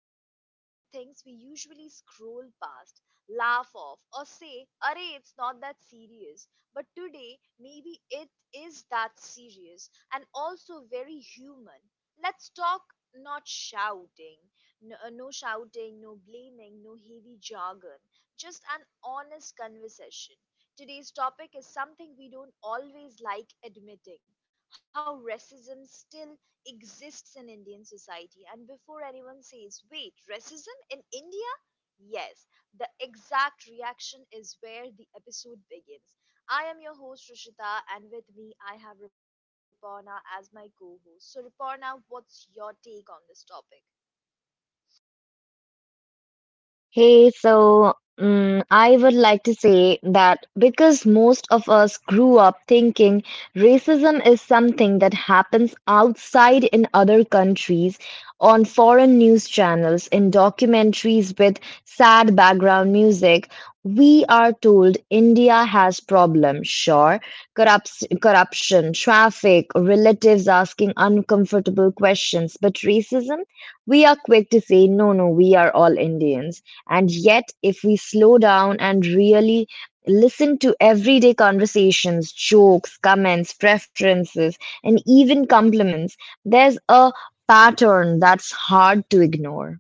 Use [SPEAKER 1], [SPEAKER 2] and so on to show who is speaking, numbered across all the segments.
[SPEAKER 1] talk about things we usually scroll past, laugh off, or say, Are it's not that serious. But today, maybe it is that serious and also very human. Let's talk not shouting, no, no shouting, no blaming, no heavy jargon, just an honest conversation. Today's topic is something we don't always like admitting how racism still exists in Indian society. And before anyone says, wait, racism in India? Yes, the exact reaction is where the episode begins. I am your host Rishita, and with me I have Riporna as my co host. So, Riporna, what's your take on this topic?
[SPEAKER 2] Hey, so I would like to say that because most of us grew up thinking racism is something that happens outside in other countries, on foreign news channels, in documentaries with sad background music, we are told India has problems. Sure, corruption, traffic, relatives asking uncomfortable questions, but racism, we are quick to say, no, no, we are all Indians. And yet, if we slow down and really listen to everyday conversations, jokes, comments, preferences, and even compliments, there's a pattern that's hard to ignore.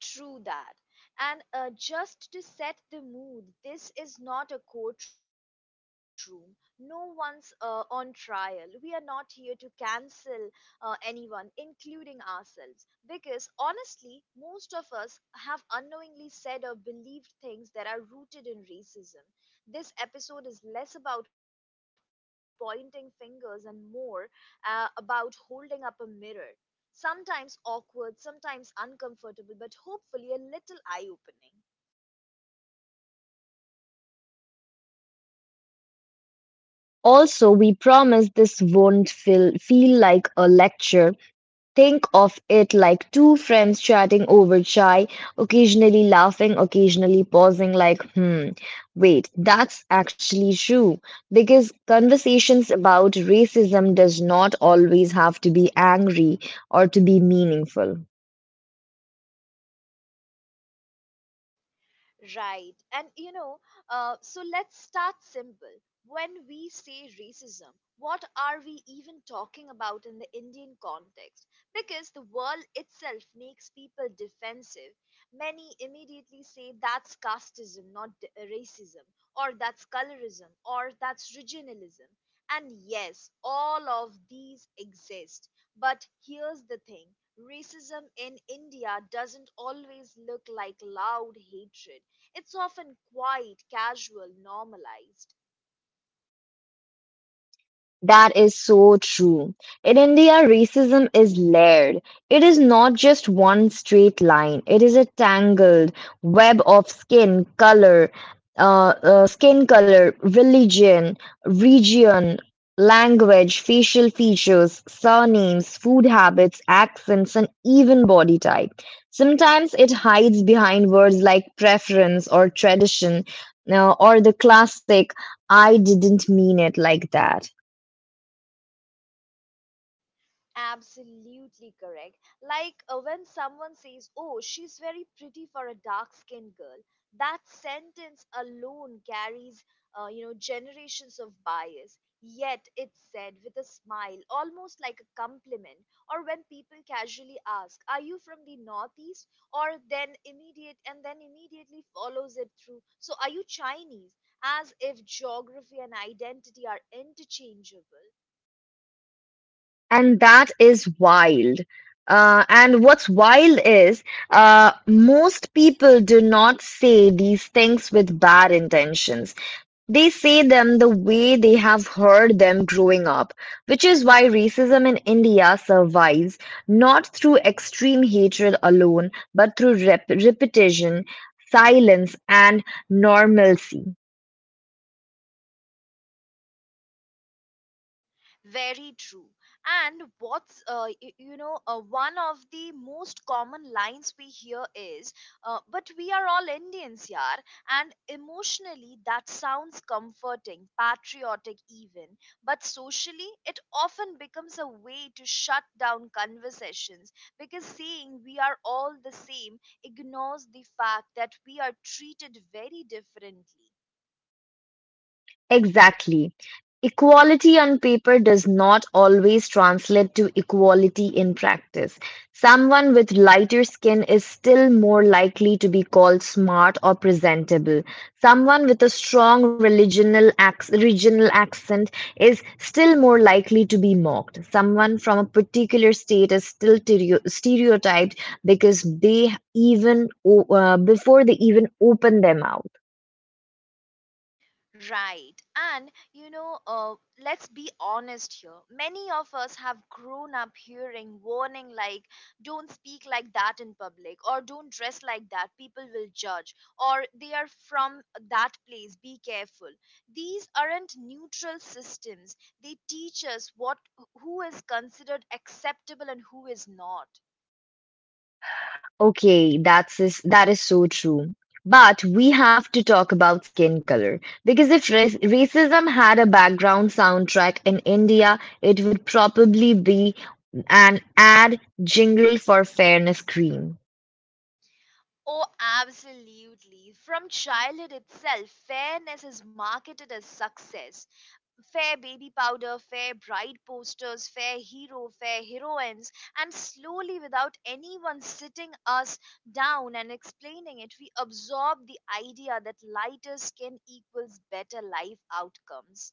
[SPEAKER 1] True that. And just to set the mood, this is not a courtroom. No one's on trial. We are not here to cancel anyone, including ourselves. Because honestly, most of us have unknowingly said or believed things that are rooted in racism. This episode is less about pointing fingers and more about holding up a mirror. Sometimes awkward, sometimes uncomfortable, but hopefully a little eye opening.
[SPEAKER 2] Also, we promise this won't feel, feel like a lecture. Think of it like two friends chatting over chai, occasionally laughing, occasionally pausing, like, hmm, wait, that's actually true. Because conversations about racism does not always have to be angry or to be meaningful.
[SPEAKER 1] Right. And you know, so let's start simple. When we say racism, what are we even talking about in the Indian context? Because the world itself makes people defensive. Many immediately say that's casteism, not d- racism, or that's colorism, or that's regionalism. And yes, all of these exist. But here's the thing racism in India doesn't always look like loud hatred, it's often quite casual, normalized.
[SPEAKER 2] That is so true. In India, racism is layered. It is not just one straight line. It is a tangled web of skin color, religion, region, language, facial features, surnames, food habits, accents, and even body type. Sometimes it hides behind words like preference or tradition, or the classic, I didn't mean it like that.
[SPEAKER 1] Absolutely correct. Like when someone says, Oh, she's very pretty for a dark skinned girl, that sentence alone carries, you know, generations of bias. Yet it's said with a smile, almost like a compliment. Or when people casually ask, Are you from the Northeast? Or then immediately follows it through, So are you Chinese? As if geography and identity are interchangeable.
[SPEAKER 2] And that is wild. And what's wild is most people do not say these things with bad intentions. They say them the way they have heard them growing up, which is why racism in India survives not through extreme hatred alone, but through repetition, silence, and normalcy.
[SPEAKER 1] Very true. And you know one of the most common lines we hear is, "But we are all Indians, yaar." And emotionally, that sounds comforting, patriotic even. But socially, it often becomes a way to shut down conversations because saying we are all the same ignores the fact that we are treated very differently.
[SPEAKER 2] Exactly. Equality on paper does not always translate to equality in practice. Someone with lighter skin is still more likely to be called smart or presentable. Someone with a strong regional accent is still more likely to be mocked. Someone from a particular state is still stereotyped because before they even open their mouth.
[SPEAKER 1] Right. And, you know, let's be honest here. Many of us have grown up hearing warning like, don't speak like that in public, or don't dress like that, people will judge, or they are from that place, be careful. These aren't neutral systems. They teach us what who is considered acceptable and who is not.
[SPEAKER 2] Okay, that is so true. But we have to talk about skin color because if racism had a background soundtrack in India, it would probably be an ad jingle for fairness cream.
[SPEAKER 1] Oh, absolutely. From childhood itself, fairness is marketed as success. Fair baby powder, fair bride posters, fair hero, fair heroines, and slowly, without anyone sitting us down and explaining it, we absorb the idea that lighter skin equals better life outcomes.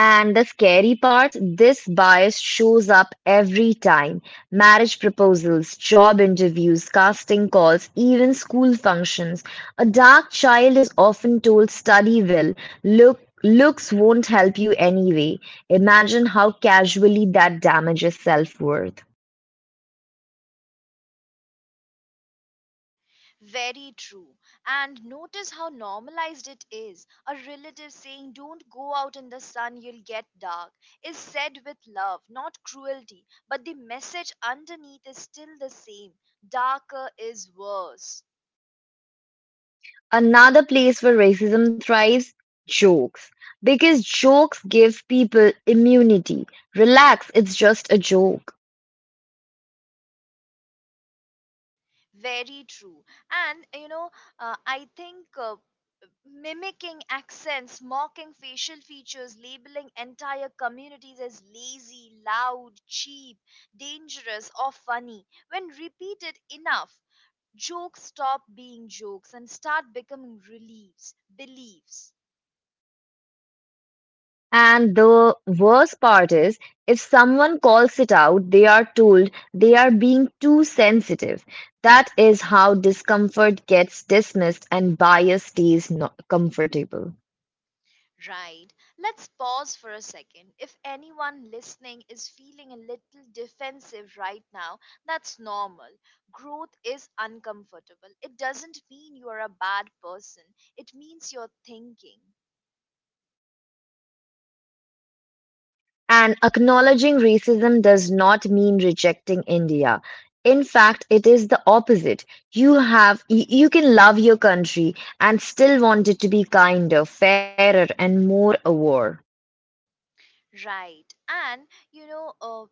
[SPEAKER 2] And the scary part, this bias shows up every time. Marriage proposals, job interviews, casting calls, even school functions. A dark child is often told look looks won't help you anyway. Imagine how casually that damages self-worth.
[SPEAKER 1] Very true. And notice how normalized it is. A relative saying, Don't go out in the sun, you'll get dark, is said with love, not cruelty, but the message underneath is still the same darker is worse.
[SPEAKER 2] Another place where racism thrives, jokes. Because jokes give people immunity. Relax, it's just a joke.
[SPEAKER 1] Very true. And you know, I think mimicking accents, mocking facial features, labeling entire communities as lazy, loud, cheap, dangerous, or funny, when repeated enough, jokes stop being jokes and start becoming beliefs.
[SPEAKER 2] And the worst part is, if someone calls it out, they are told they are being too sensitive. That is how discomfort gets dismissed and bias stays comfortable.
[SPEAKER 1] Right. Let's pause for a second. If anyone listening is feeling a little defensive right now, that's normal. Growth is uncomfortable. It doesn't mean you're a bad person, it means you're thinking.
[SPEAKER 2] And acknowledging racism does not mean rejecting India. In fact, it is the opposite. You can love your country and still want it to be kinder, fairer, and more aware.
[SPEAKER 1] Right. And, you know,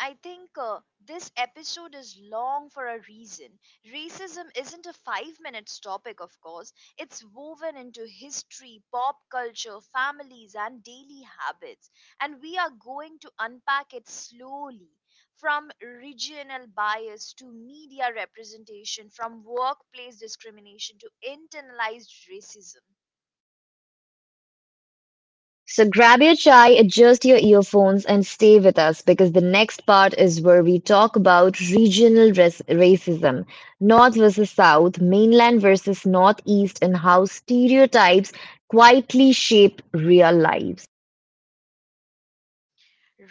[SPEAKER 1] I think this episode is long for a reason. Racism isn't a 5 minutes topic, of course. It's woven into history, pop culture, families, and daily habits. And we are going to unpack it slowly from regional bias to media representation, from workplace discrimination to internalized racism.
[SPEAKER 2] So grab your chai, adjust your earphones, and stay with us because the next part is where we talk about regional racism, North versus South, mainland versus Northeast, and how stereotypes quietly shape real lives.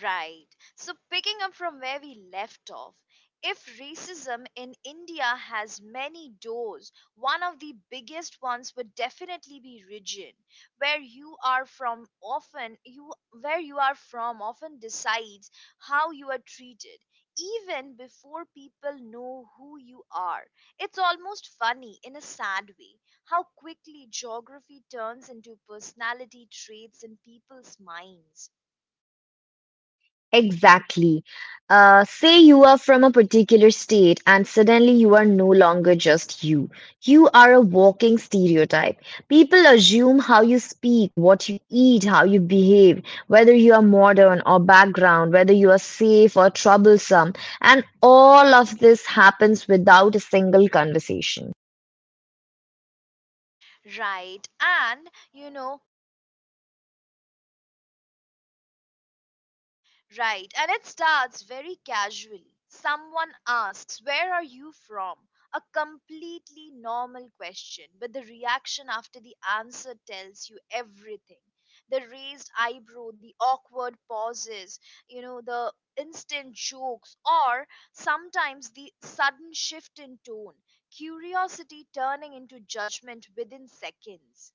[SPEAKER 1] Right. So, picking up from where we left off, if racism in India has many doors, one of the biggest ones would definitely be region, Where you are from often you where you are from often decides how you are treated even before people know who you are. It's almost funny in a sad way how quickly geography turns into personality traits in people's minds.
[SPEAKER 2] Exactly. Say you are from a particular state and suddenly you are no longer just you. You are a walking stereotype. People assume how you speak, what you eat, how you behave, whether you are modern or background, whether you are safe or troublesome. And all of this happens without a single conversation.
[SPEAKER 1] Right. And you know, right. And it starts very casually. Someone asks, Where are you from? A completely normal question, but the reaction after the answer tells you everything. The raised eyebrow, the awkward pauses, you know, the instant jokes, or sometimes the sudden shift in tone, curiosity turning into judgment within seconds.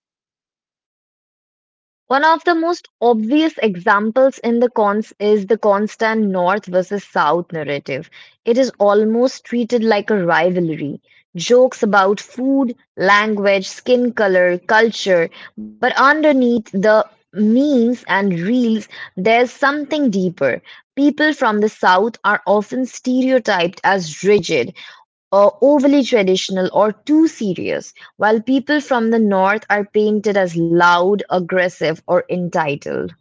[SPEAKER 2] One of the most obvious examples in the cons is the constant North versus South narrative. It is almost treated like a rivalry. Jokes about food, language, skin color, culture, but underneath the memes and reels, there's something deeper. People from the South are often stereotyped as rigid, or overly traditional or too serious, while people from the North are painted as loud, aggressive, or entitled.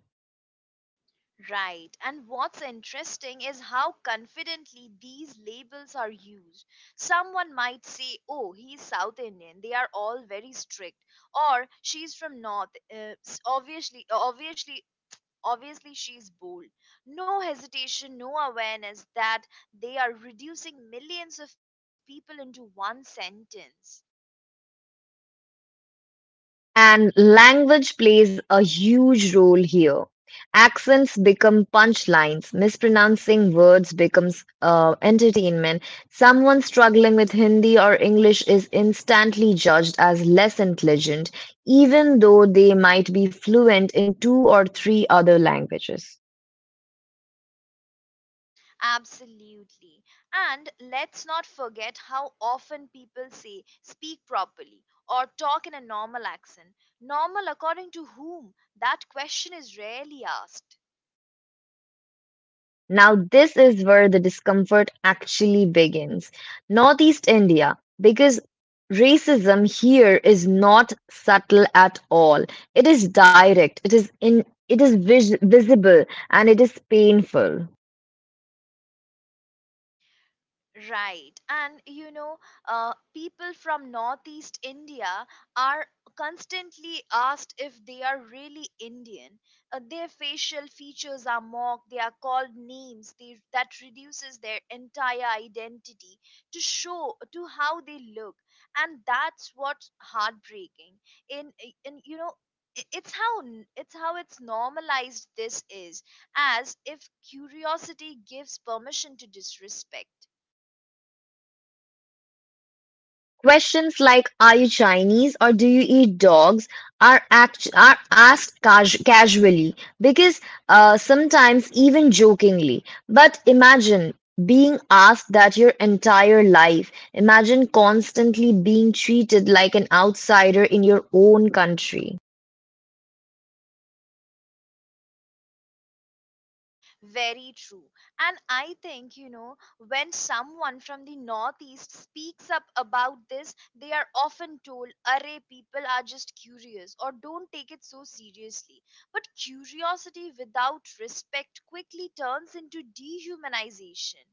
[SPEAKER 1] Right. And what's interesting is how confidently these labels are used. Someone might say, oh, he's South Indian. They are all very strict. Or she's from North. Obviously, she's bold. No hesitation, no awareness that they are reducing millions of people into one sentence.
[SPEAKER 2] And language plays a huge role here. Accents become punchlines, mispronouncing words becomes entertainment. Someone struggling with Hindi or English is instantly judged as less intelligent, even though they might be fluent in two or three other languages.
[SPEAKER 1] Absolutely. And let's not forget how often people say speak properly or talk in a normal accent. Normal according to whom? That question is rarely asked.
[SPEAKER 2] Now, this is where the discomfort actually begins. Northeast India, because racism here is not subtle at all. It is direct, it is in, it is vis- visible, and it is painful.
[SPEAKER 1] Right. And you know, people from Northeast India are constantly asked if they are really Indian. Their facial features are mocked, they are called names. They, that reduces their entire identity to show to how they look. And that's what's heartbreaking. In, in you know, I- it's it's how it's normalized this is as if curiosity gives permission to disrespect.
[SPEAKER 2] Questions like "Are you Chinese" or "Do you eat dogs" are asked casually, because sometimes even jokingly. But imagine being asked that your entire life. Imagine constantly being treated like an outsider in your own country.
[SPEAKER 1] Very true. And I think, you know, when someone from the Northeast speaks up about this, they are often told, Array, people are just curious or don't take it so seriously. But curiosity without respect quickly turns into dehumanization.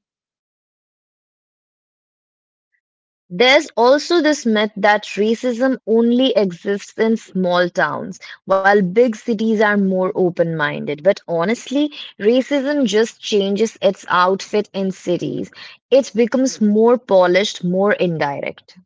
[SPEAKER 2] There's also this myth that racism only exists in small towns, while big cities are more open-minded. But honestly, racism just changes its outfit in cities. It becomes more polished, more indirect.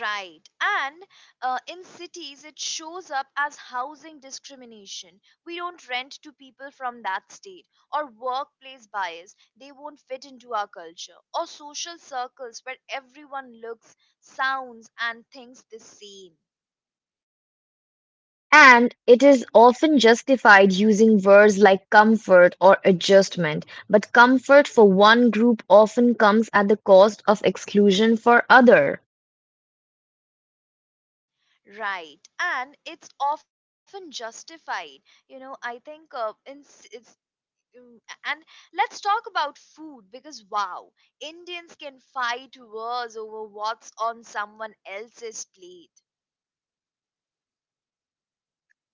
[SPEAKER 1] Right. And in cities, it shows up as housing discrimination. We don't rent to people from that state, or workplace bias. They won't fit into our culture, or social circles where everyone looks, sounds, and thinks the same.
[SPEAKER 2] And it is often justified using words like comfort or adjustment. But comfort for one group often comes at the cost of exclusion for other.
[SPEAKER 1] Right. And it's often justified. You know, I think in c- Mm, and let's talk about food because wow, Indians can fight wars over what's on someone else's plate.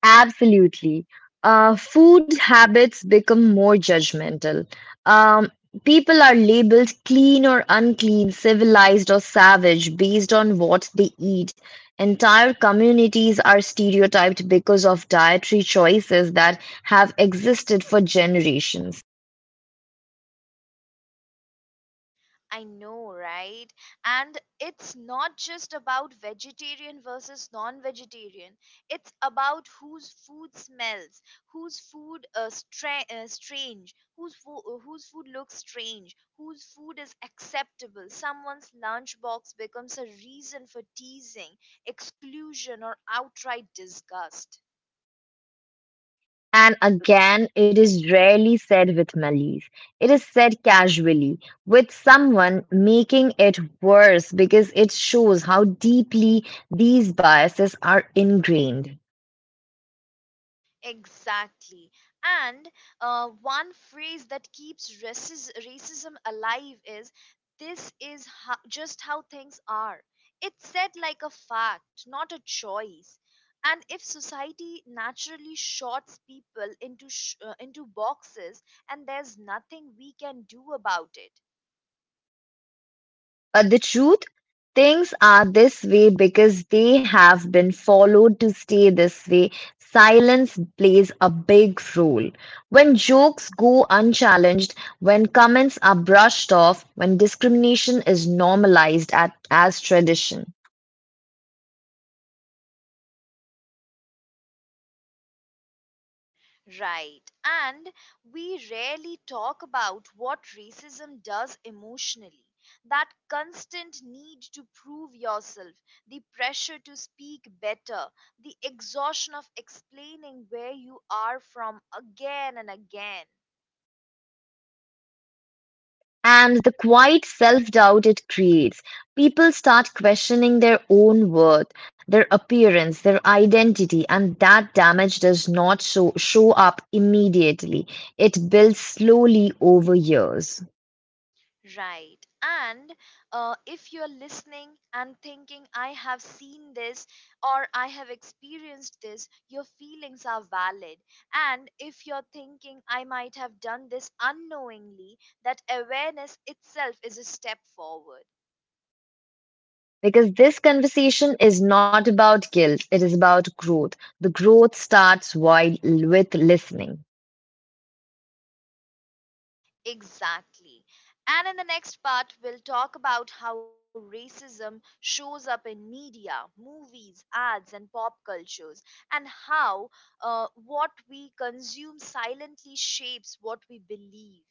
[SPEAKER 2] Absolutely. Food habits become more judgmental. Um, people are labeled clean or unclean, civilized or savage based on what they eat. Entire communities are stereotyped because of dietary choices that have existed for generations.
[SPEAKER 1] I know, right? And it's not just about vegetarian versus non vegetarian. It's about whose food smells, strange, whose food looks strange, whose food is acceptable. Someone's lunchbox becomes a reason for teasing, exclusion, or outright disgust.
[SPEAKER 2] And again, it is rarely said with malice. It is said casually, with someone making it worse because it shows how deeply these biases are ingrained.
[SPEAKER 1] Exactly. And one phrase that keeps racism alive is this is just how things are. It's said like a fact, not a choice. And if society naturally shorts people into into boxes and there's nothing we can do about it,
[SPEAKER 2] But the truth, things are this way because they have been followed to stay this way. Silence plays a big role. When jokes go unchallenged, when comments are brushed off, when discrimination is normalized at, as tradition.
[SPEAKER 1] Right. And we rarely talk about what racism does emotionally. That constant need to prove yourself, the pressure to speak better, the exhaustion of explaining where you are from again and again.
[SPEAKER 2] And the quiet self-doubt it creates. People start questioning their own worth, their appearance, their identity, and that damage does not show up immediately. It builds slowly over years.
[SPEAKER 1] Right. And if you're listening and thinking, I have seen this or I have experienced this, your feelings are valid. And if you're thinking, I might have done this unknowingly, that awareness itself is a step forward.
[SPEAKER 2] Because this conversation is not about guilt, it is about growth. The growth starts while with listening.
[SPEAKER 1] Exactly. And in the next part, we'll talk about how racism shows up in media, movies, ads, and pop cultures, and how what we consume silently shapes what we believe.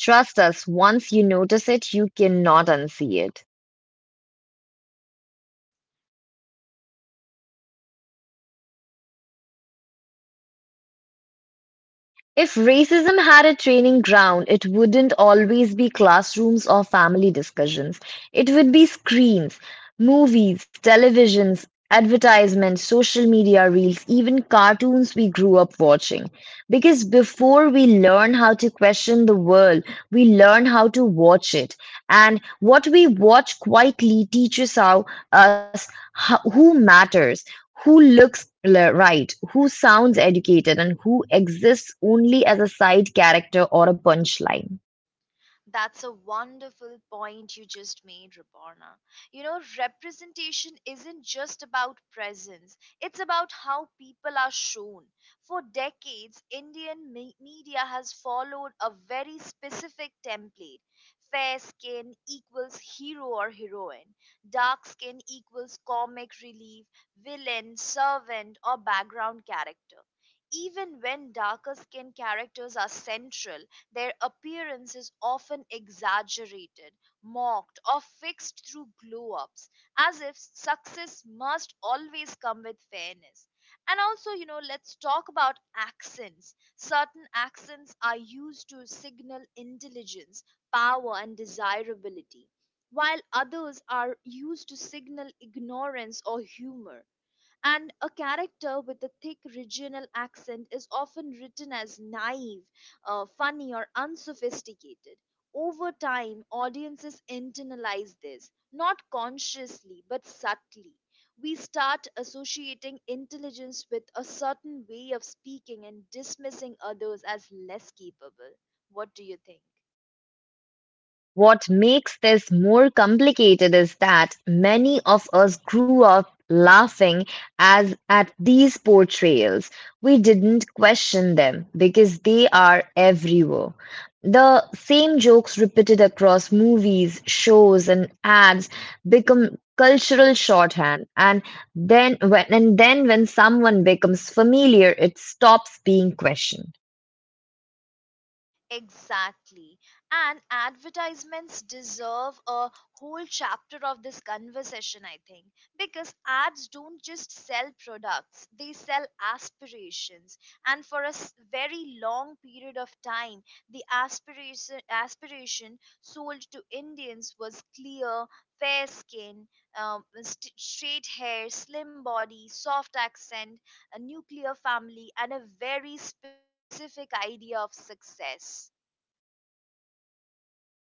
[SPEAKER 2] Trust us, once you notice it, you cannot unsee it. If racism had a training ground, it wouldn't always be classrooms or family discussions. It would be screens, movies, televisions, advertisements, social media reels, even cartoons we grew up watching. Because before we learn how to question the world, we learn how to watch it. And what we watch quietly teaches us who matters, who looks right, who sounds educated, and who exists only as a side character or a punchline.
[SPEAKER 1] That's a wonderful point you just made, Rabona. You know, representation isn't just about presence, it's about how people are shown. For decades, Indian media has followed a very specific template fair skin equals hero or heroine, dark skin equals comic relief, villain, servant, or background character. Even when darker skin characters are central, their appearance is often exaggerated, mocked, or fixed through glow ups, as if success must always come with fairness. And also, you know, let's talk about accents. Certain accents are used to signal intelligence, power, and desirability, while others are used to signal ignorance or humor. And a character with a thick regional accent is often written as naive, funny, or unsophisticated. Over time, audiences internalize this, not consciously but subtly. We start associating intelligence with a certain way of speaking and dismissing others as less capable. What do you think?
[SPEAKER 2] What makes this more complicated is that many of us grew up laughing as at these portrayals. We didn't question them because they are everywhere. The same jokes repeated across movies, shows, and ads become cultural shorthand, and then when someone becomes familiar it stops being questioned.
[SPEAKER 1] Exactly. And advertisements deserve a whole chapter of this conversation, I think, because ads don't just sell products, they sell aspirations. And for a very long period of time, the aspiration sold to Indians was clear, fair skin, straight hair, slim body, soft accent, a nuclear family, and a very specific idea of success.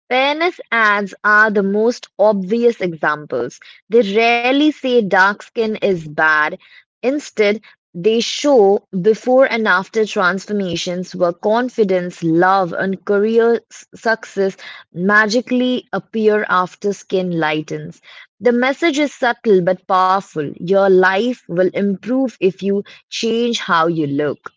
[SPEAKER 2] Fairness ads are the most obvious examples. They rarely say dark skin is bad. Instead, they show before and after transformations where confidence, love, and success magically appear after skin lightens. The message is subtle but powerful. Your life will improve if you change how you look.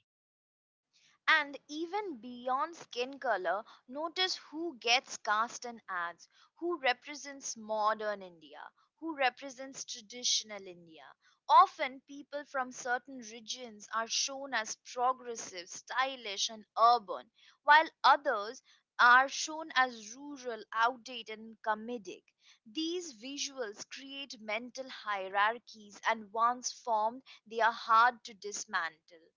[SPEAKER 1] And even beyond skin color, notice who gets cast in ads, who represents modern India, who represents traditional India. Often, people from certain regions are shown as progressive, stylish, and urban, while others are shown as rural, outdated, and comedic. These visuals create mental hierarchies, and once formed, they are hard to dismantle.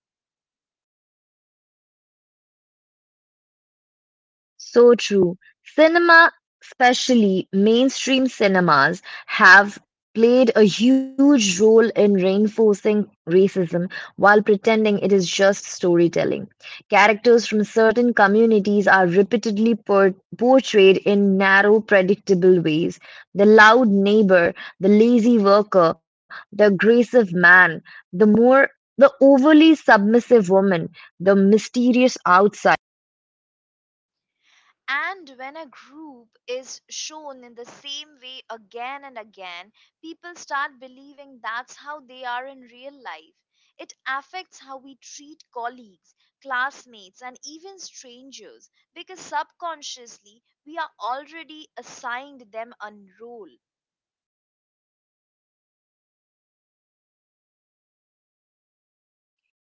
[SPEAKER 2] So true. Cinema, especially mainstream cinemas, have played a huge role in reinforcing racism while pretending it is just storytelling. Characters from certain communities are repeatedly portrayed in narrow, predictable ways. The loud neighbor, the lazy worker, the aggressive man, the more the overly submissive woman, the mysterious outsider.
[SPEAKER 1] And when a group is shown in the same way again and again, people start believing that's how they are in real life. It affects how we treat colleagues, classmates, and even strangers because subconsciously we are already assigned them a role.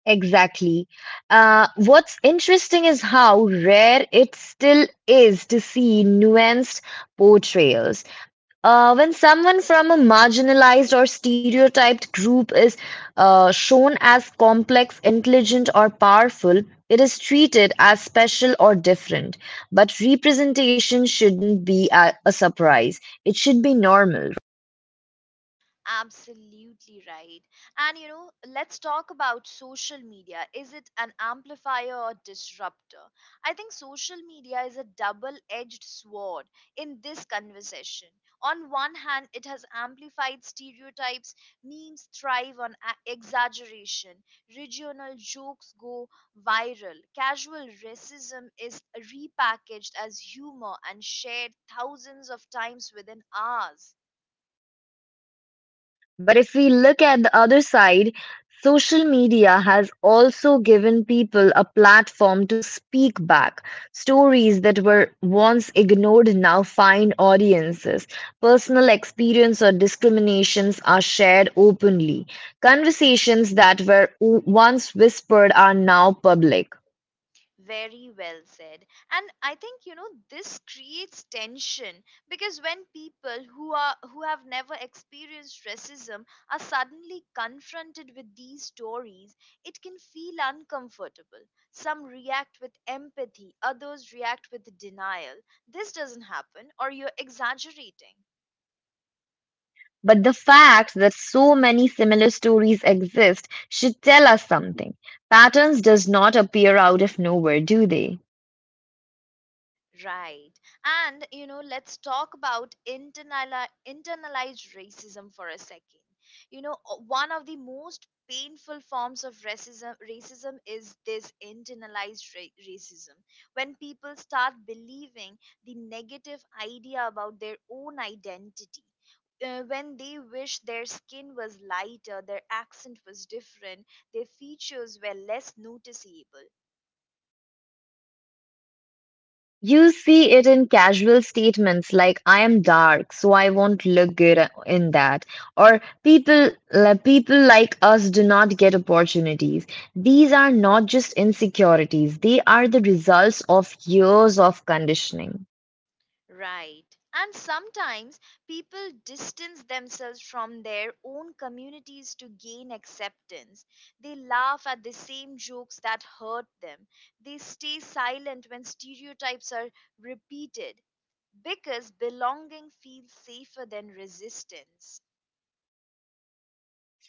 [SPEAKER 2] Exactly. What's interesting is how rare it still is to see nuanced portrayals. When someone from a marginalized or stereotyped group is shown as complex, intelligent, or powerful, it is treated as special or different. But representation shouldn't be a surprise, it should be normal.
[SPEAKER 1] Absolutely right. And you know, let's talk about social media. Is it an amplifier or disruptor? I think social media is a double edged sword in this conversation. On one hand, it has amplified stereotypes, memes thrive on exaggeration, regional jokes go viral, casual racism is repackaged as humor and shared thousands of times within hours.
[SPEAKER 2] But if we look at the other side, social media has also given people a platform to speak back. Stories that were once ignored now find audiences. Personal experience or discriminations are shared openly. Conversations that were once whispered are now public.
[SPEAKER 1] Very well said. And I think you know this creates tension because when people who have never experienced racism are suddenly confronted with these stories, it can feel uncomfortable. Some react with empathy, others react with denial. This doesn't happen or you're exaggerating.
[SPEAKER 2] But the fact that so many similar stories exist should tell us something. Patterns does not appear out of nowhere, do they?
[SPEAKER 1] Right. And, you know, let's talk about internalized racism for a second. You know, one of the most painful forms of racism is this internalized racism when people start believing the negative idea about their own identity when they wish their skin was lighter, their accent was different, their features were less noticeable.
[SPEAKER 2] You see it in casual statements like "I am dark, so I won't look good in that," or " people like us do not get opportunities." These are not just insecurities; they are the results of years of conditioning.
[SPEAKER 1] Right. And sometimes people distance themselves from their own communities to gain acceptance. They laugh at the same jokes that hurt them. They stay silent when stereotypes are repeated because belonging feels safer than resistance.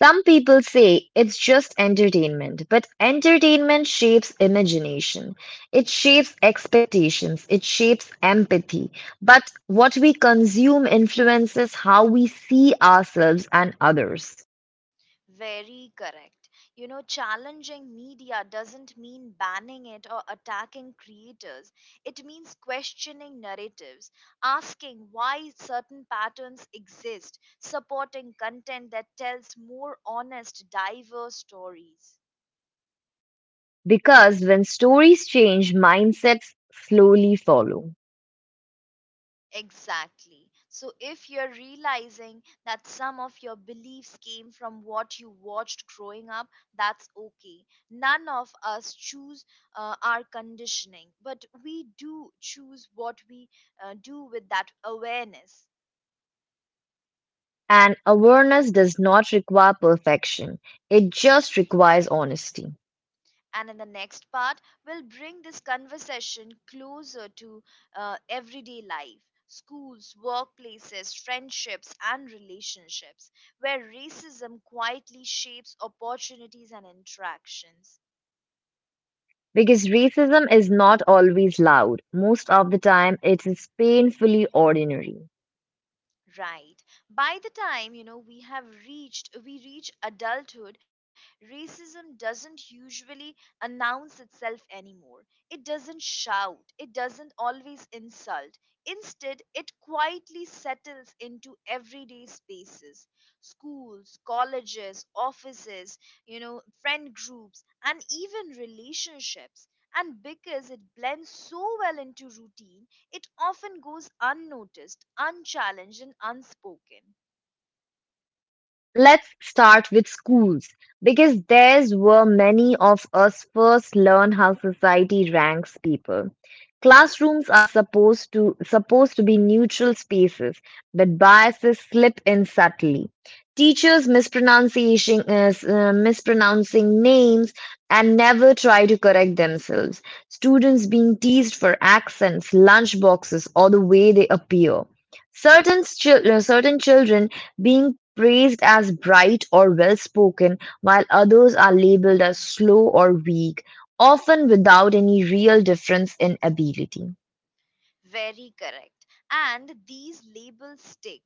[SPEAKER 2] Some people say it's just entertainment, but entertainment shapes imagination. It shapes expectations. It shapes empathy. But what we consume influences how we see ourselves and others.
[SPEAKER 1] Very correct. You know, challenging media doesn't mean banning it or attacking creators. It means questioning narratives, asking why certain patterns exist, supporting content that tells more honest, diverse stories.
[SPEAKER 2] Because when stories change, mindsets slowly follow.
[SPEAKER 1] Exactly. So if you're realizing that some of your beliefs came from what you watched growing up, that's okay. None of us choose our conditioning, but we do choose what we do with that awareness.
[SPEAKER 2] And awareness does not require perfection, it just requires honesty.
[SPEAKER 1] And in the next part, we'll bring this conversation closer to everyday life, schools, workplaces, friendships, and relationships, where racism quietly shapes opportunities and interactions.
[SPEAKER 2] Because racism is not always loud, most of the time it is painfully ordinary.
[SPEAKER 1] Right. By the time, you know, we reach adulthood, racism doesn't usually announce itself anymore. It doesn't shout. It doesn't always insult. Instead, it quietly settles into everyday spaces. Schools, colleges, offices, you know, friend groups, and even relationships. And because it blends so well into routine, it often goes unnoticed, unchallenged, and unspoken.
[SPEAKER 2] Let's start with schools, because there's where many of us first learn how society ranks people. Classrooms are supposed to be neutral spaces, but biases slip in subtly. Teachers mispronouncing names and never try to correct themselves. Students being teased for accents, lunch boxes, or the way they appear. Certain children being praised as bright or well-spoken, while others are labeled as slow or weak, often without any real difference in ability.
[SPEAKER 1] Very correct. And these labels stick.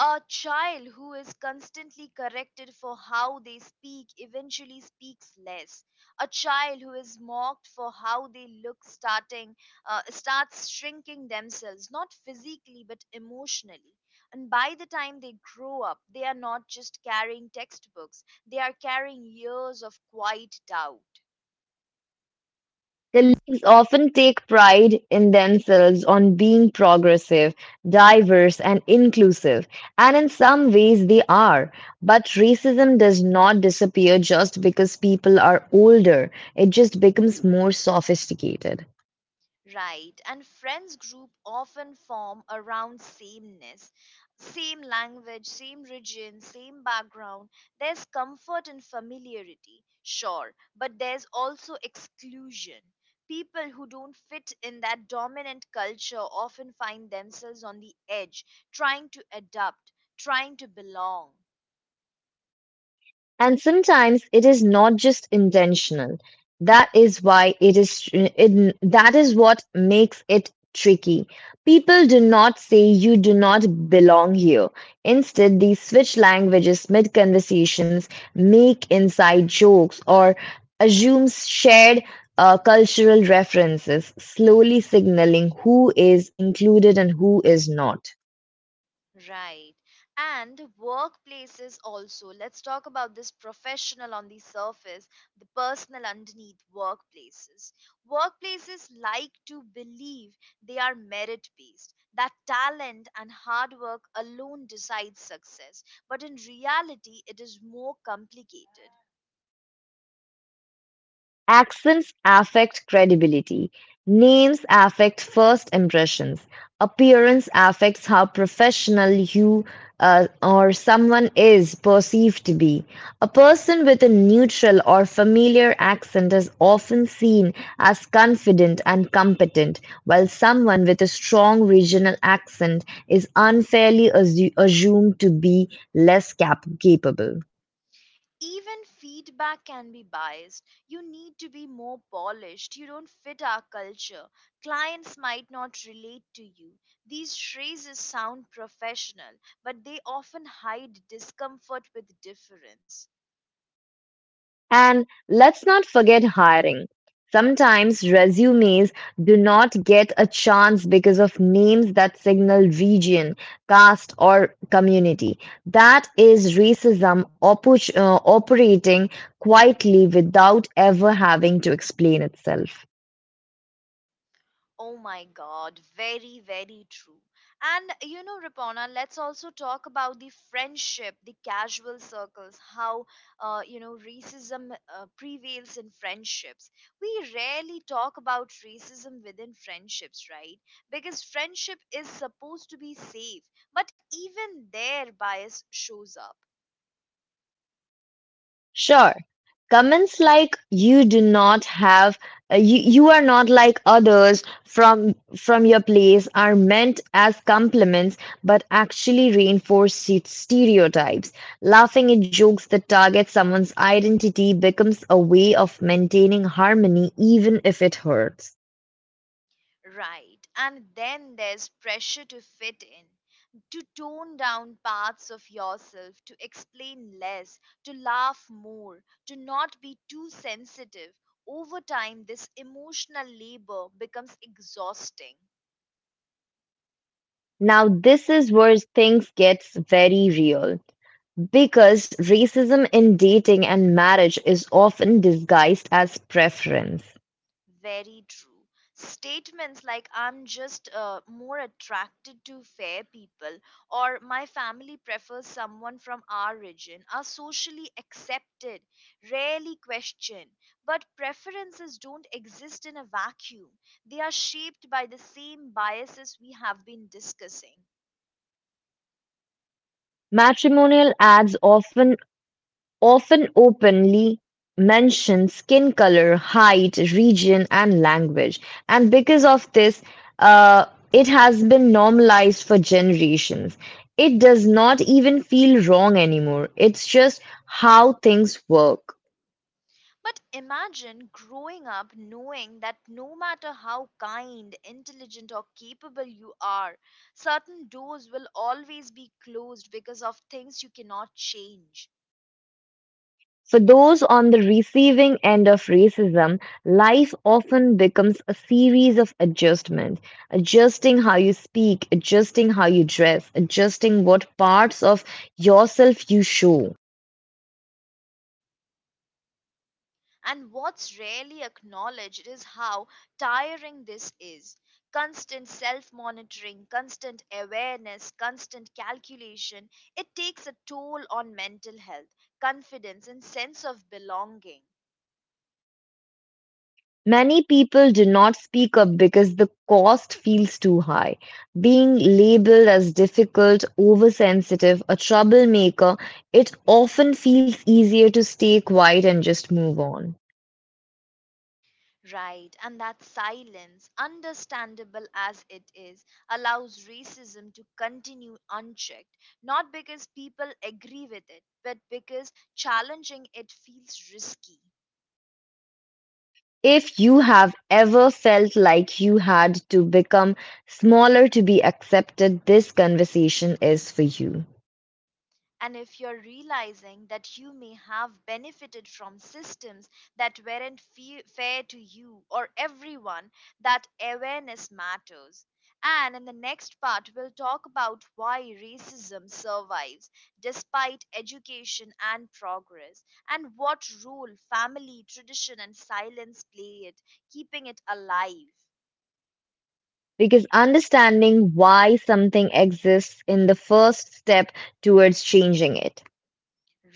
[SPEAKER 1] A child who is constantly corrected for how they speak eventually speaks less. A child who is mocked for how they look starting starts shrinking themselves, not physically but emotionally. And by the time they grow up, they are not just carrying textbooks, they are carrying years of quiet doubt.
[SPEAKER 2] The leagues often take pride in themselves on being progressive, diverse, and inclusive, and in some ways they are. But racism does not disappear just because people are older, it just becomes more sophisticated.
[SPEAKER 1] Right, and friends group often form around sameness, same language, same region, same background. There's comfort in familiarity, sure, but there's also exclusion. People who don't fit in that dominant culture often find themselves on the edge, trying to adapt, trying to belong.
[SPEAKER 2] And sometimes it is not just intentional. That is why that is what makes it tricky. People do not say you do not belong here. Instead, they switch languages mid conversations, make inside jokes, or assume shared cultural references, slowly signaling who is included and who is not.
[SPEAKER 1] Right. And workplaces also. Let's talk about this, professional on the surface, the personal underneath workplaces. Workplaces like to believe they are merit based, that talent and hard work alone decides success. But in reality, it is more complicated.
[SPEAKER 2] Accents affect credibility, names affect first impressions, appearance affects how professional you or someone is perceived to be. A person with a neutral or familiar accent is often seen as confident and competent, while someone with a strong regional accent is unfairly assumed to be less capable.
[SPEAKER 1] Even feedback can be biased. You need to be more polished. You don't fit our culture. Clients might not relate to you. These phrases sound professional, but they often hide discomfort with difference.
[SPEAKER 2] And let's not forget hiring. Sometimes resumes do not get a chance because of names that signal region, caste, or community. That is racism operating quietly without ever having to explain itself.
[SPEAKER 1] Oh my God, very, very true. And you know, Ripona, let's also talk about the friendship, the casual circles, how, you know, racism prevails in friendships. We rarely talk about racism within friendships, right? Because friendship is supposed to be safe, but even there, bias shows up.
[SPEAKER 2] Sure. Comments like you do not have you are not like others from your place are meant as compliments but actually reinforce stereotypes. Laughing at jokes that target someone's identity becomes a way of maintaining harmony even if it hurts.
[SPEAKER 1] Right. And then there's pressure to fit in, to tone down parts of yourself, to explain less, to laugh more, to not be too sensitive. Over time, this emotional labor becomes exhausting.
[SPEAKER 2] Now this is where things gets very real because racism in dating and marriage is often disguised as preference.
[SPEAKER 1] Very true. Statements like "I'm just more attracted to fair people" or "my family prefers someone from our region" are socially accepted, rarely questioned. But preferences don't exist in a vacuum, they are shaped by the same biases we have been discussing.
[SPEAKER 2] Matrimonial ads often openly mention skin color, height, region, and language, and because of this, uh, it has been normalized for generations. It does not even feel wrong anymore. It's just how things work.
[SPEAKER 1] But imagine growing up knowing that no matter how kind, intelligent, or capable you are, certain doors will always be closed because of things you cannot change.
[SPEAKER 2] For those on the receiving end of racism, life often becomes a series of adjustments adjusting how you speak, adjusting how you dress, adjusting what parts of yourself you show.
[SPEAKER 1] And what's rarely acknowledged is how tiring this is. Constant self monitoring, constant awareness, constant calculation, it takes a toll on mental health, confidence, and sense of belonging.
[SPEAKER 2] Many people do not speak up because the cost feels too high. Being labeled as difficult, oversensitive, a troublemaker, it often feels easier to stay quiet and just move on.
[SPEAKER 1] Right, and that silence, understandable as it is, allows racism to continue unchecked, not because people agree with it, but because challenging it feels risky.
[SPEAKER 2] If you have ever felt like you had to become smaller to be accepted, this conversation is for you.
[SPEAKER 1] And if you're realizing that you may have benefited from systems that weren't fair to you or everyone, that awareness matters. And in the next part, we'll talk about why racism survives despite education and progress, and what role family, tradition, and silence play it, keeping it alive.
[SPEAKER 2] Because understanding why something exists in the first step towards changing it.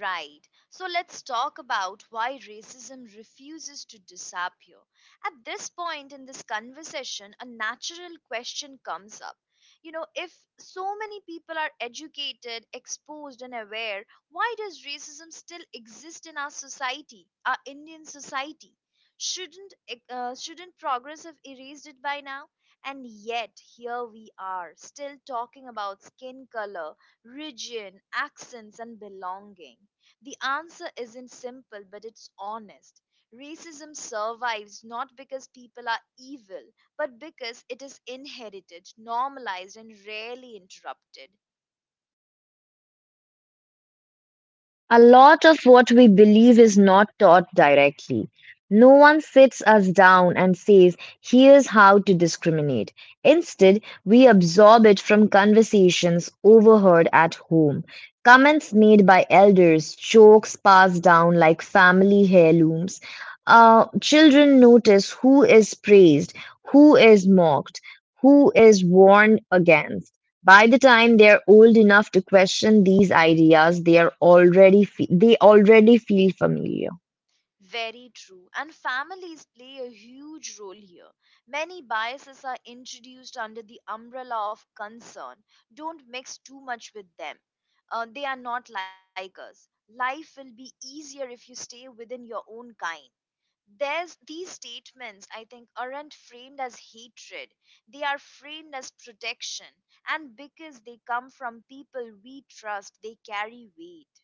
[SPEAKER 1] Right. So let's talk about why racism refuses to disappear. At this point in this conversation, a natural question comes up. You know, if so many people are educated, exposed, and aware, why does racism still exist in our society, our Indian society? Shouldn't progress have erased it by now? And yet here we are, still talking about skin color, region, accents, and belonging? The answer isn't simple, but it's honest. Racism survives not because people are evil, but because it is inherited, normalized, and rarely interrupted.
[SPEAKER 2] A lot of what we believe is not taught directly. No one sits us down and says, here's how to discriminate. Instead, we absorb it from conversations overheard at home, comments made by elders, jokes passed down like family heirlooms. Children notice who is praised, who is mocked, who is warned against. By the time they're old enough to question these ideas, they already feel familiar.
[SPEAKER 1] Very true. And families play a huge role here. Many biases are introduced under the umbrella of concern. Don't mix too much with them. They are not like us. Life will be easier if you stay within your own kind. There's these statements, I think, aren't framed as hatred, they are framed as protection, and because they come from people we trust, they carry weight.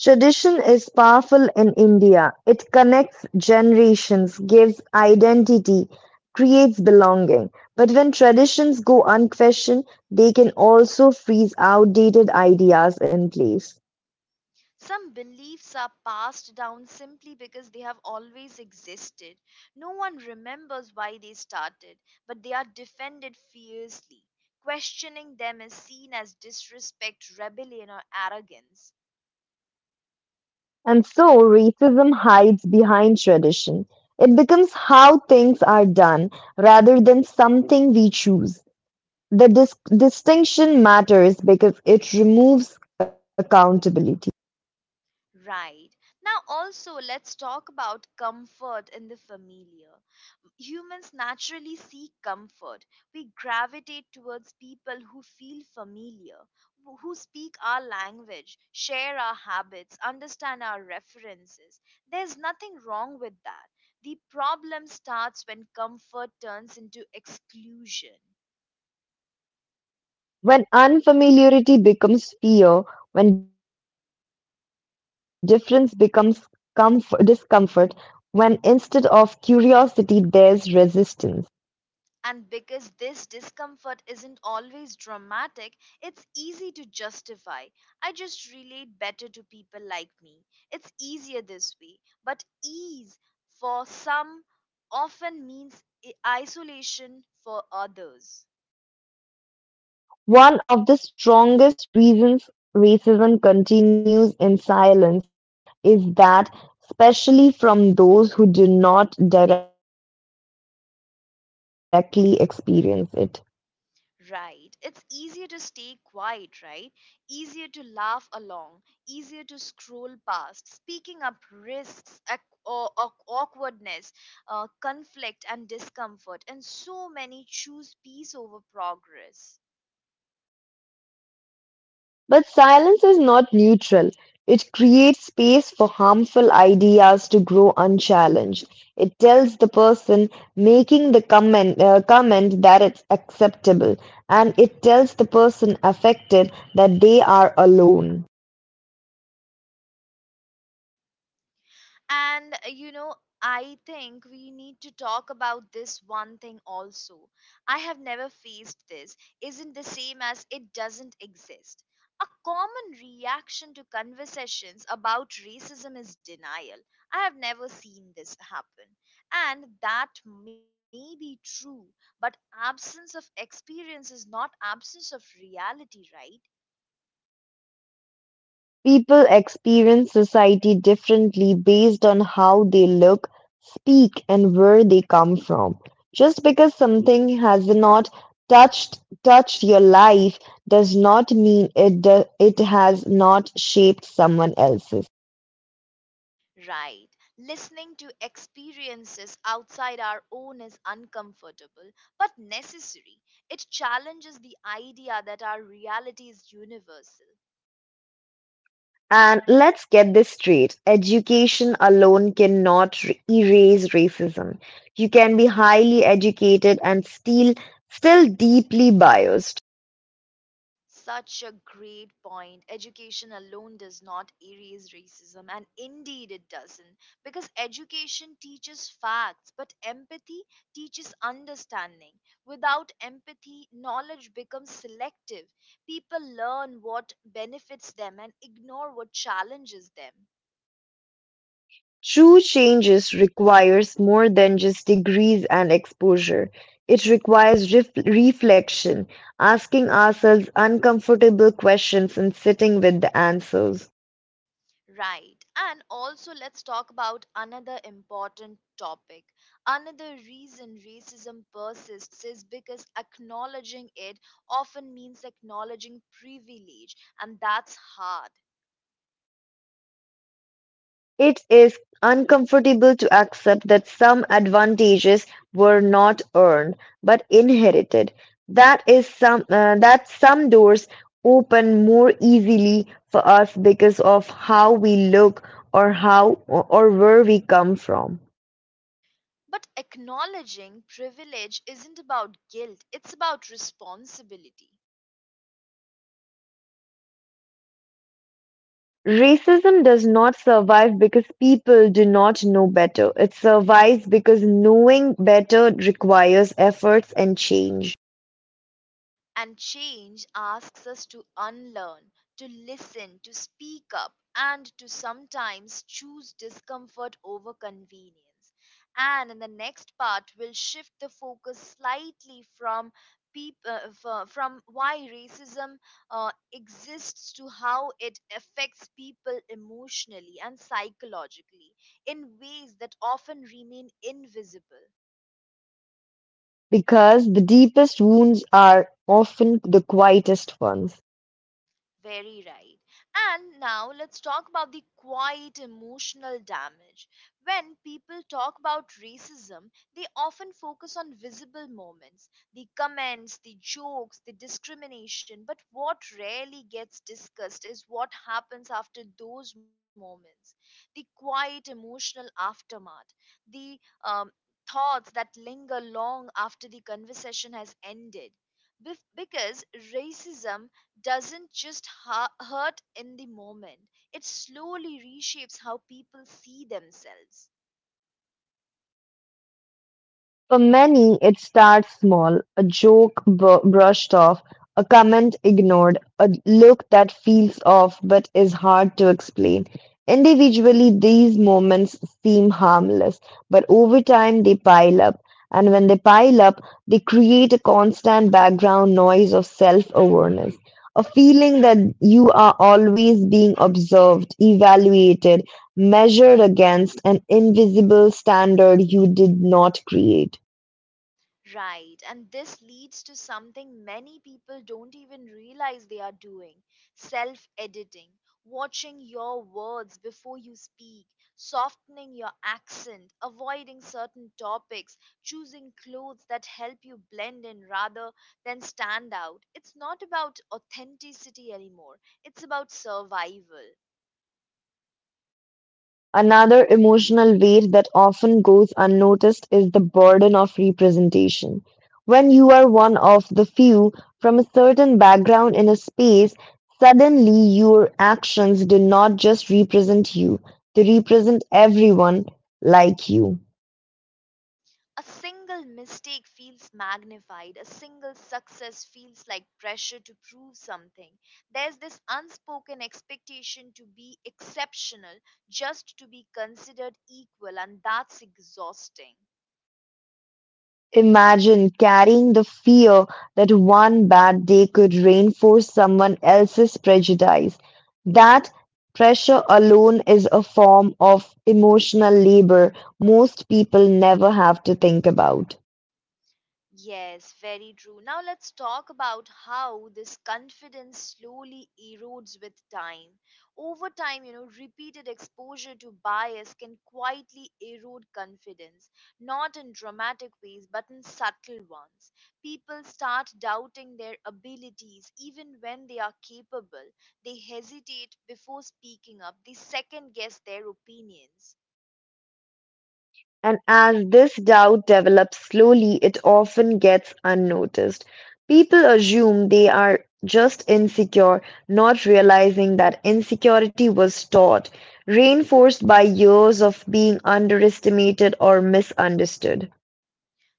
[SPEAKER 2] Tradition is powerful in India. It connects generations, gives identity, creates belonging. But when traditions go unquestioned, they can also freeze outdated ideas in place.
[SPEAKER 1] Some beliefs are passed down simply because they have always existed. No one remembers why they started, but they are defended fiercely. Questioning them is seen as disrespect, rebellion, or arrogance.
[SPEAKER 2] And so racism hides behind tradition. It becomes how things are done rather than something we choose. The distinction matters because it removes accountability.
[SPEAKER 1] Right. Now, also, let's talk about comfort in the familiar. Humans naturally seek comfort. We gravitate towards people who feel familiar, who speak our language, share our habits, understand our references. There's nothing wrong with that. The problem starts when comfort turns into exclusion.
[SPEAKER 2] When unfamiliarity becomes fear, when difference becomes discomfort, when instead of curiosity there's resistance.
[SPEAKER 1] And because this discomfort isn't always dramatic, it's easy to justify. I just relate better to people like me. It's easier this way. But ease for some often means isolation for others.
[SPEAKER 2] One of the strongest reasons racism continues in silence is that, especially from those who do not directly experience it.
[SPEAKER 1] Right. It's easier to stay quiet, right? Easier to laugh along, easier to scroll past. Speaking up risks awkwardness, conflict, and discomfort, and so many choose peace over progress.
[SPEAKER 2] But silence is not neutral. It creates space for harmful ideas to grow unchallenged. It tells the person making the comment that it's acceptable, and it tells the person affected that they are alone.
[SPEAKER 1] And you know, I think we need to talk about this one thing also. I have never faced this. Isn't the same as it doesn't exist. A common reaction to conversations about racism is denial. I have never seen this happen. And that may be true, but absence of experience is not absence of reality, right?
[SPEAKER 2] People experience society differently based on how they look, speak, and where they come from. Just because something has not touched your life does not mean it has not shaped someone else's.
[SPEAKER 1] Right. Listening to experiences outside our own is uncomfortable but necessary. It challenges the idea that our reality is universal.
[SPEAKER 2] And let's get this straight. Education alone cannot erase racism. You can be highly educated and still deeply biased.
[SPEAKER 1] Such a great point. Education alone does not erase racism, and indeed it doesn't, because education teaches facts, but empathy teaches understanding. Without empathy, knowledge becomes selective. People learn what benefits them and ignore what challenges them.
[SPEAKER 2] True changes requires more than just degrees and exposure. It requires reflection, asking ourselves uncomfortable questions and sitting with the answers.
[SPEAKER 1] Right. And also, let's talk about another important topic. Another reason racism persists is because acknowledging it often means acknowledging privilege, and that's hard.
[SPEAKER 2] It is uncomfortable to accept that some advantages were not earned but inherited. That some doors open more easily for us because of how we look or where we come from.
[SPEAKER 1] But acknowledging privilege isn't about guilt, it's about responsibility.
[SPEAKER 2] Racism does not survive because people do not know better. It survives because knowing better requires efforts and change.
[SPEAKER 1] And change asks us to unlearn, to listen, to speak up, and to sometimes choose discomfort over convenience. And in the next part, we'll shift the focus slightly from from why racism exists to how it affects people emotionally and psychologically in ways that often remain invisible.
[SPEAKER 2] Because the deepest wounds are often the quietest ones.
[SPEAKER 1] Very right. And now let's talk about the quiet emotional damage. When people talk about racism, they often focus on visible moments, the comments, the jokes, the discrimination. But what rarely gets discussed is what happens after those moments, the quiet emotional aftermath, the um, thoughts that linger long after the conversation has ended. Because racism doesn't just hurt in the moment, it slowly reshapes how people see themselves.
[SPEAKER 2] For many, it starts small, brushed off, a comment ignored, a look that feels off but is hard to explain. Individually, these moments seem harmless, but over time they pile up. And when they pile up, they create a constant background noise of self awareness, a feeling that you are always being observed, evaluated, measured against an invisible standard you did not create.
[SPEAKER 1] Right, and this leads to something many people don't even realize they are doing, self editing, watching your words before you speak, softening your accent, avoiding certain topics, choosing clothes that help you blend in rather than stand out. It's not about authenticity anymore, it's about survival.
[SPEAKER 2] Another emotional weight that often goes unnoticed is the burden of representation. When you are one of the few from a certain background in a space, suddenly your actions do not just represent you, they represent everyone like you.
[SPEAKER 1] A single mistake feels magnified. A single success feels like pressure to prove something. There's this unspoken expectation to be exceptional, just to be considered equal, and that's exhausting.
[SPEAKER 2] Imagine carrying the fear that one bad day could reinforce someone else's prejudice. That pressure alone is a form of emotional labor most people never have to think about.
[SPEAKER 1] Yes, very true. Now let's talk about how this confidence slowly erodes with time. Over time, you know, repeated exposure to bias can quietly erode confidence, not in dramatic ways, but in subtle ones. People start doubting their abilities even when they are capable. They hesitate before speaking up, they second guess their opinions.
[SPEAKER 2] And as this doubt develops slowly, it often gets unnoticed. People assume they are just insecure, not realizing that insecurity was taught, reinforced by years of being underestimated or misunderstood.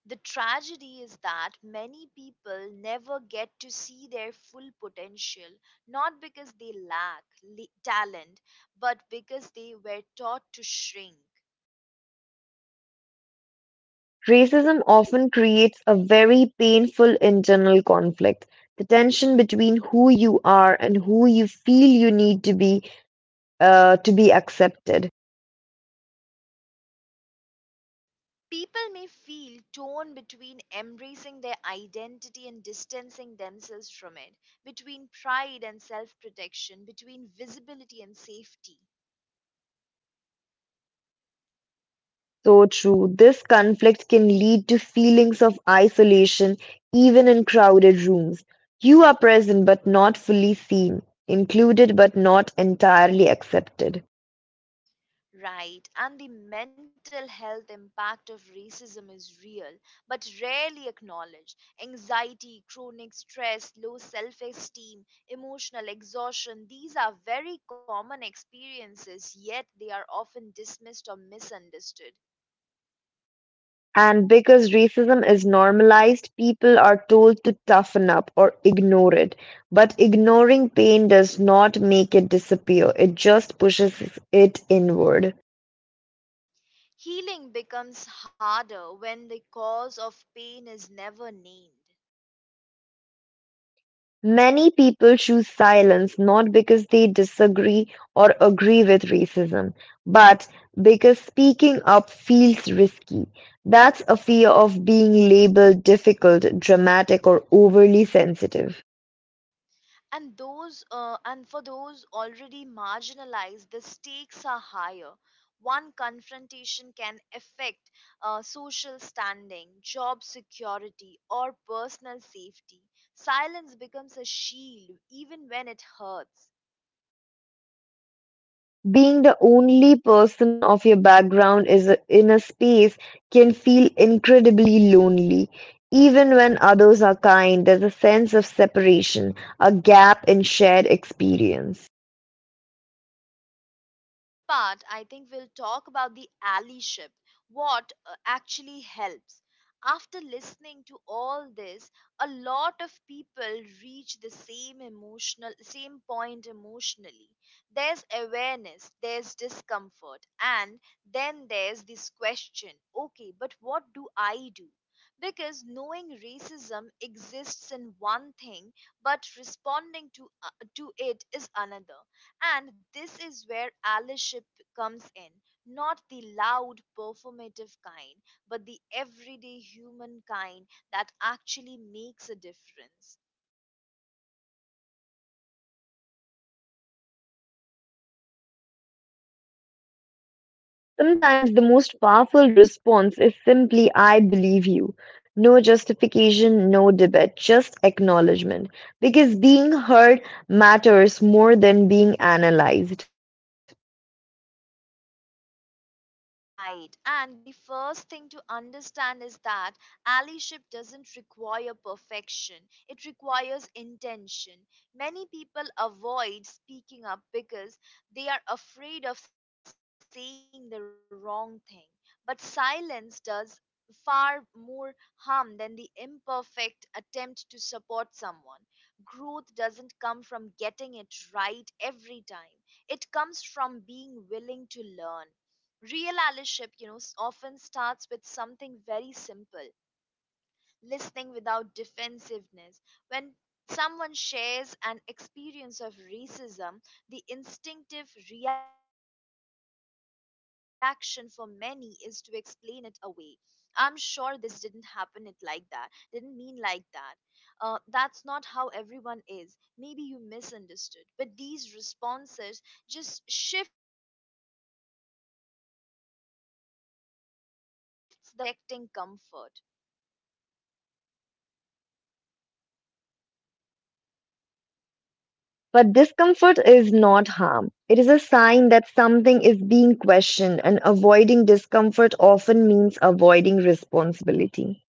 [SPEAKER 1] The tragedy is that many people never get to see their full potential, not because they lack talent, but because they were taught to shrink.
[SPEAKER 2] Racism often creates a very painful internal conflict. The tension between who you are and who you feel you need to be accepted.
[SPEAKER 1] People may feel torn between embracing their identity and distancing themselves from it, between pride and self protection, between visibility and safety.
[SPEAKER 2] So true. This conflict can lead to feelings of isolation, even in crowded rooms. You are present but not fully seen, included but not entirely accepted.
[SPEAKER 1] Right, and the mental health impact of racism is real but rarely acknowledged. Anxiety, chronic stress, low self esteem, emotional exhaustion, these are very common experiences, yet they are often dismissed or misunderstood.
[SPEAKER 2] And because racism is normalized, people are told to toughen up or ignore it. But ignoring pain does not make it disappear, it just pushes it inward.
[SPEAKER 1] Healing becomes harder when the cause of pain is never named.
[SPEAKER 2] Many people choose silence not because they disagree or agree with racism, but because speaking up feels risky. That's a fear of being labeled difficult, dramatic, or overly sensitive.
[SPEAKER 1] And for those already marginalized, the stakes are higher. One confrontation can affect social standing, job security, or personal safety. Silence becomes a shield even when it hurts.
[SPEAKER 2] Being the only person of your background is in a space can feel incredibly lonely. Even when others are kind, there's a sense of separation, a gap in shared experience.
[SPEAKER 1] Now, in the next part, I think we'll talk about the allyship, what actually helps. After listening to all this, a lot of people reach the same point emotionally. There's awareness, there's discomfort, and then there's this question: okay, but what do I do? Because knowing racism exists in one thing, but responding to it is another, and this is where allyship comes in. Not the loud, performative kind, but the everyday human kind that actually makes a difference.
[SPEAKER 2] Sometimes the most powerful response is simply, I believe you. No justification, no debate, just acknowledgement. Because being heard matters more than being analyzed.
[SPEAKER 1] Right. And the first thing to understand is that allyship doesn't require perfection, it requires intention. Many people avoid speaking up because they are afraid of saying the wrong thing. But silence does far more harm than the imperfect attempt to support someone. Growth doesn't come from getting it right every time, it comes from being willing to learn. Real allyship often starts with something very simple: listening without defensiveness. When someone shares an experience of racism, the instinctive reaction for many is to explain it away. I'm sure this didn't happen it like that, didn't mean like that. That's not how everyone is. Maybe you misunderstood. But these responses just shifts the focus away from the person who was hurt and onto protecting comfort.
[SPEAKER 2] But discomfort is not harm. It is a sign that something is being questioned, and avoiding discomfort often means avoiding responsibility.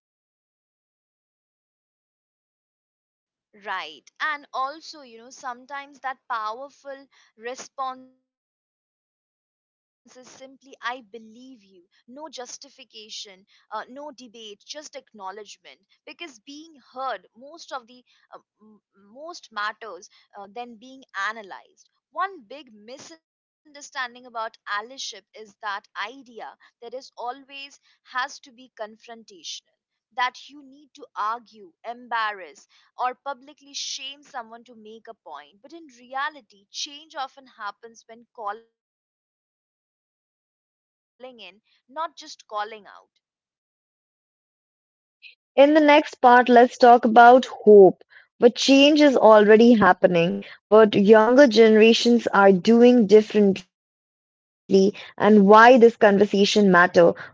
[SPEAKER 1] Right. And also, you know, sometimes that powerful response is simply, I believe you. No justification, no debate, just acknowledgement. Because being heard, most of the uh, m- most matters than being analyzed. One big misunderstanding about allyship is that idea that is always has to be confrontational, that you need to argue, embarrass, or publicly shame someone to make a point. But in reality, change often happens when calling in, not just calling out.
[SPEAKER 2] In the next part, let's talk about hope, what change is already happening, what younger generations are doing differently, and why this conversation matter for the future.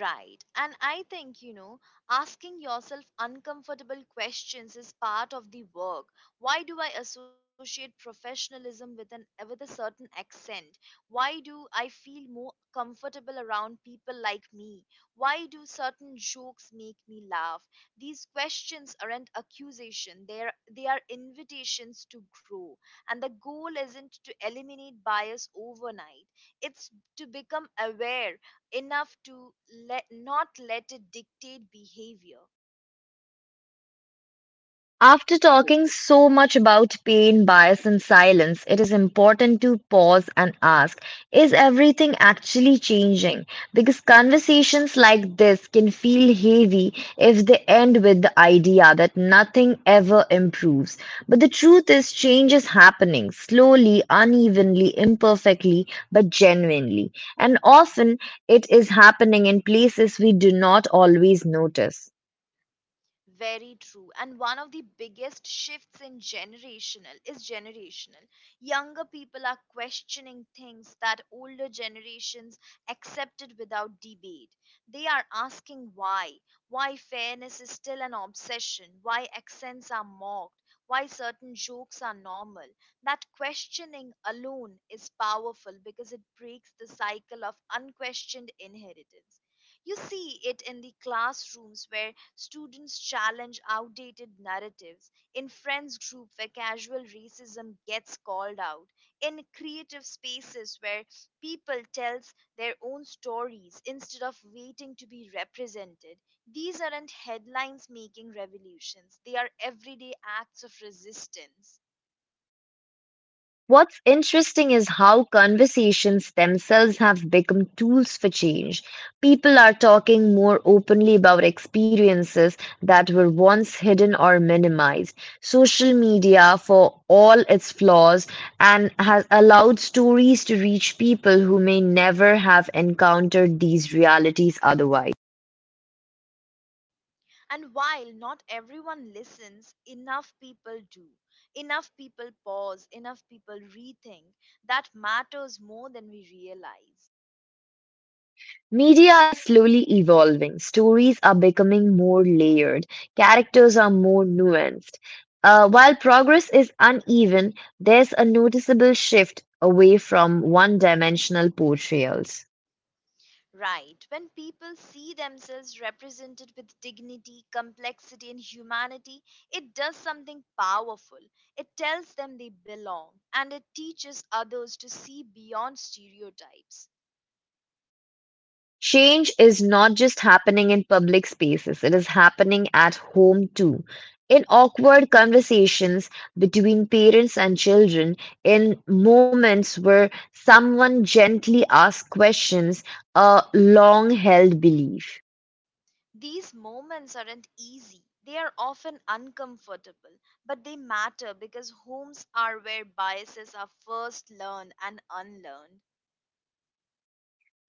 [SPEAKER 1] Right. And I think, you know, asking yourself uncomfortable questions is part of the work. Why do I associate professionalism with a certain accent? Why do I feel more comfortable around people like me? Why do certain jokes make me laugh? These questions aren't accusation. They are invitations to grow. And the goal isn't to eliminate bias overnight. It's to become aware enough to let not let it dictate behavior.
[SPEAKER 2] After talking so much about pain, bias, and silence, it is important to pause and ask, is everything actually changing? Because conversations like this can feel heavy if they end with the idea that nothing ever improves. But the truth is, change is happening slowly, unevenly, imperfectly, but genuinely. And often it is happening in places we do not always notice.
[SPEAKER 1] Very true. And one of the biggest shifts in generational is generational. Younger people are questioning things that older generations accepted without debate. They are asking why fairness is still an obsession, why accents are mocked, why certain jokes are normal. That questioning alone is powerful because it breaks the cycle of unquestioned inheritance. You see it in the classrooms where students challenge outdated narratives, in friends group where casual racism gets called out, in creative spaces where people tells their own stories instead of waiting to be represented. These aren't headlines making revolutions. They are everyday acts of resistance.
[SPEAKER 2] What's interesting is how conversations themselves have become tools for change. People are talking more openly about experiences that were once hidden or minimized. Social media, for all its flaws, and has allowed stories to reach people who may never have encountered these realities otherwise.
[SPEAKER 1] And while not everyone listens, enough people do. Enough people pause, enough people rethink. That matters more than we realize.
[SPEAKER 2] Media is slowly evolving. Stories are becoming more layered. Characters are more nuanced. While progress is uneven, there's a noticeable shift away from one dimensional portrayals.
[SPEAKER 1] Right, when people see themselves represented with dignity, complexity, and humanity, it does something powerful. It tells them they belong, and it teaches others to see beyond stereotypes.
[SPEAKER 2] Change is not just happening in public spaces, it is happening at home too. In awkward conversations between parents and children, in moments where someone gently asks questions, a long held belief.
[SPEAKER 1] These moments aren't easy. They are often uncomfortable, but they matter because homes are where biases are first learned and unlearned.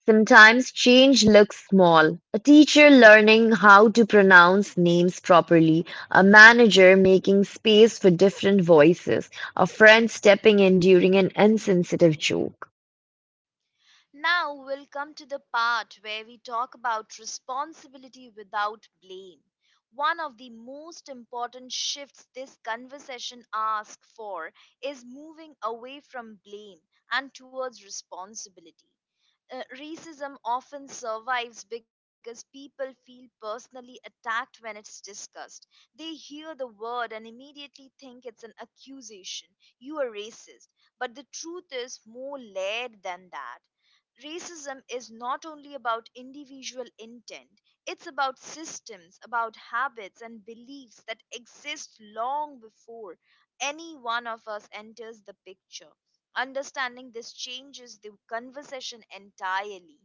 [SPEAKER 2] Sometimes change looks small. A teacher learning how to pronounce names properly, a manager making space for different voices, a friend stepping in during an insensitive joke.
[SPEAKER 1] Now we'll come to the part where we talk about responsibility without blame. One of the most important shifts this conversation asks for is moving away from blame and towards responsibility. Racism often survives because people feel personally attacked when it's discussed. They hear the word and immediately think it's an accusation. You are racist. But the truth is more layered than that. Racism is not only about individual intent, it's about systems, about habits and beliefs that exist long before any one of us enters the picture. Understanding this changes the conversation entirely.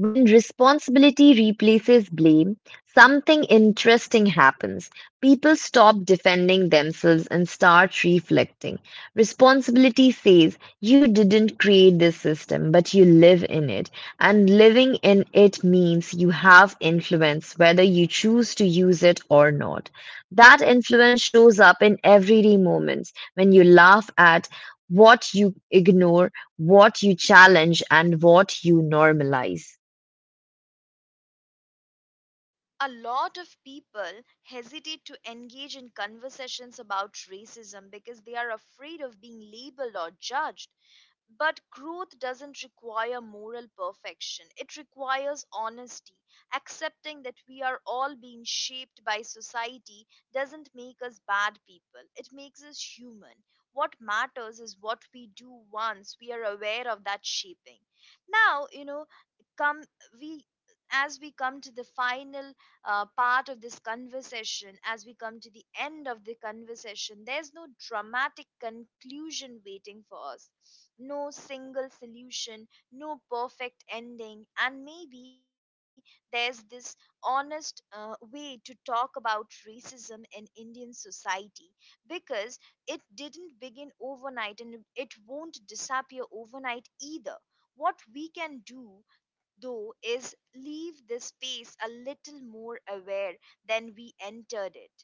[SPEAKER 2] When responsibility replaces blame, something interesting happens. People stop defending themselves and start reflecting. Responsibility says, you didn't create this system, but you live in it. And living in it means you have influence, whether you choose to use it or not. That influence shows up in everyday moments, when you laugh at what you ignore, what you challenge, and what you normalize.
[SPEAKER 1] A lot of people hesitate to engage in conversations about racism because they are afraid of being labeled or judged. But growth doesn't require moral perfection. It requires honesty. Accepting that we are all being shaped by society doesn't make us bad people, it makes us human. What matters is what we do once we are aware of that shaping. Now, you know, come we as we come to the final part of this conversation, as we come to the end of the conversation, there's no dramatic conclusion waiting for us, no single solution, no perfect ending, and maybe there's this honest way to talk about racism in Indian society, because it didn't begin overnight and it won't disappear overnight either. What we can do is leave this space a little more aware than we entered it.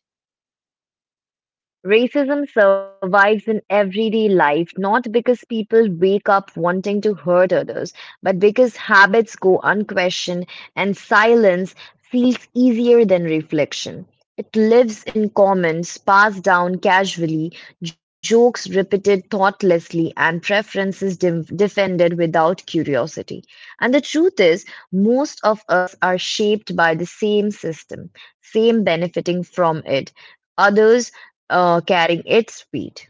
[SPEAKER 2] Racism survives in everyday life, not because people wake up wanting to hurt others, but because habits go unquestioned and silence feels easier than reflection. It lives in comments passed down casually, jokes repeated thoughtlessly, and preferences defended without curiosity. And the truth is, most of us are shaped by the same system, same benefiting from it others carrying its weight.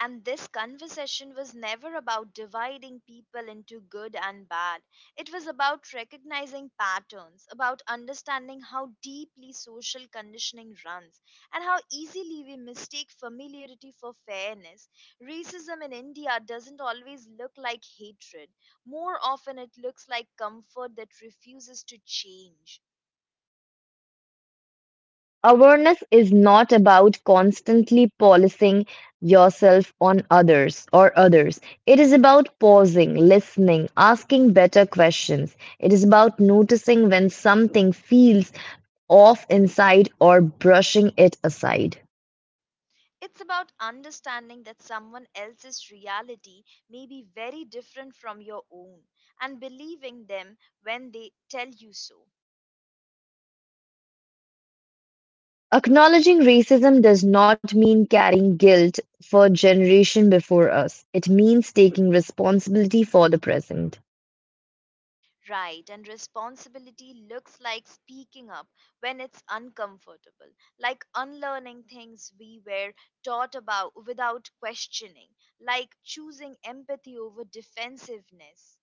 [SPEAKER 1] And this conversation was never about dividing people into good and bad. It was about recognizing patterns, about understanding how deeply social conditioning runs, and how easily we mistake familiarity for fairness. Racism in India doesn't always look like hatred, more often, it looks like comfort that refuses to change.
[SPEAKER 2] Awareness is not about constantly policing yourself on others or others. It is about pausing, listening, asking better questions. It is about noticing when something feels off inside or brushing it aside.
[SPEAKER 1] It's about understanding that someone else's reality may be very different from your own, and believing them when they tell you so.
[SPEAKER 2] Acknowledging racism does not mean carrying guilt for generation before us. It means taking responsibility for the present.
[SPEAKER 1] Right, and responsibility looks like speaking up when it's uncomfortable, like unlearning things we were taught about without questioning, like choosing empathy over defensiveness.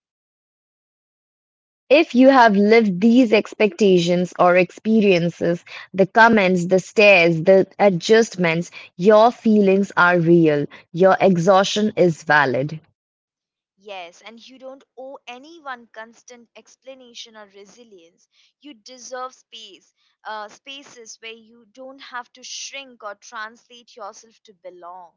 [SPEAKER 2] If you have lived these expectations or experiences, the comments, the stares, the adjustments, your feelings are real. Your exhaustion is valid.
[SPEAKER 1] Yes, and you don't owe anyone constant explanation or resilience. You deserve space, spaces where you don't have to shrink or translate yourself to belong.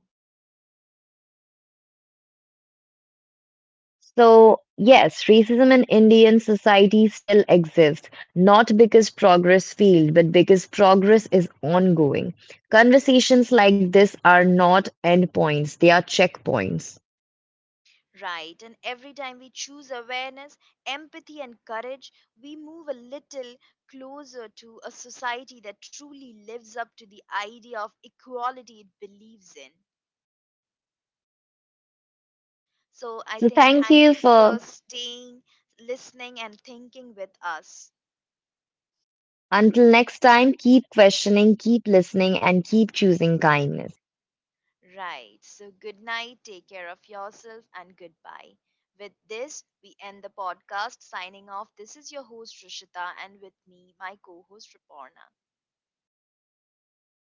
[SPEAKER 2] So, yes, racism in Indian society still exists, not because progress failed, but because progress is ongoing. Conversations like this are not endpoints, they are checkpoints.
[SPEAKER 1] Right, and every time we choose awareness, empathy, and courage, we move a little closer to a society that truly lives up to the idea of equality it believes in. So I
[SPEAKER 2] So,
[SPEAKER 1] think
[SPEAKER 2] thank
[SPEAKER 1] thank
[SPEAKER 2] you
[SPEAKER 1] you for
[SPEAKER 2] for.
[SPEAKER 1] staying, listening, and thinking with us.
[SPEAKER 2] Until next time, keep questioning, keep listening, and keep choosing kindness.
[SPEAKER 1] Right. So good night, take care of yourself, and goodbye. With this, we end the podcast. Signing off, this is your host, Rishita, and with me, my co host, Raporna.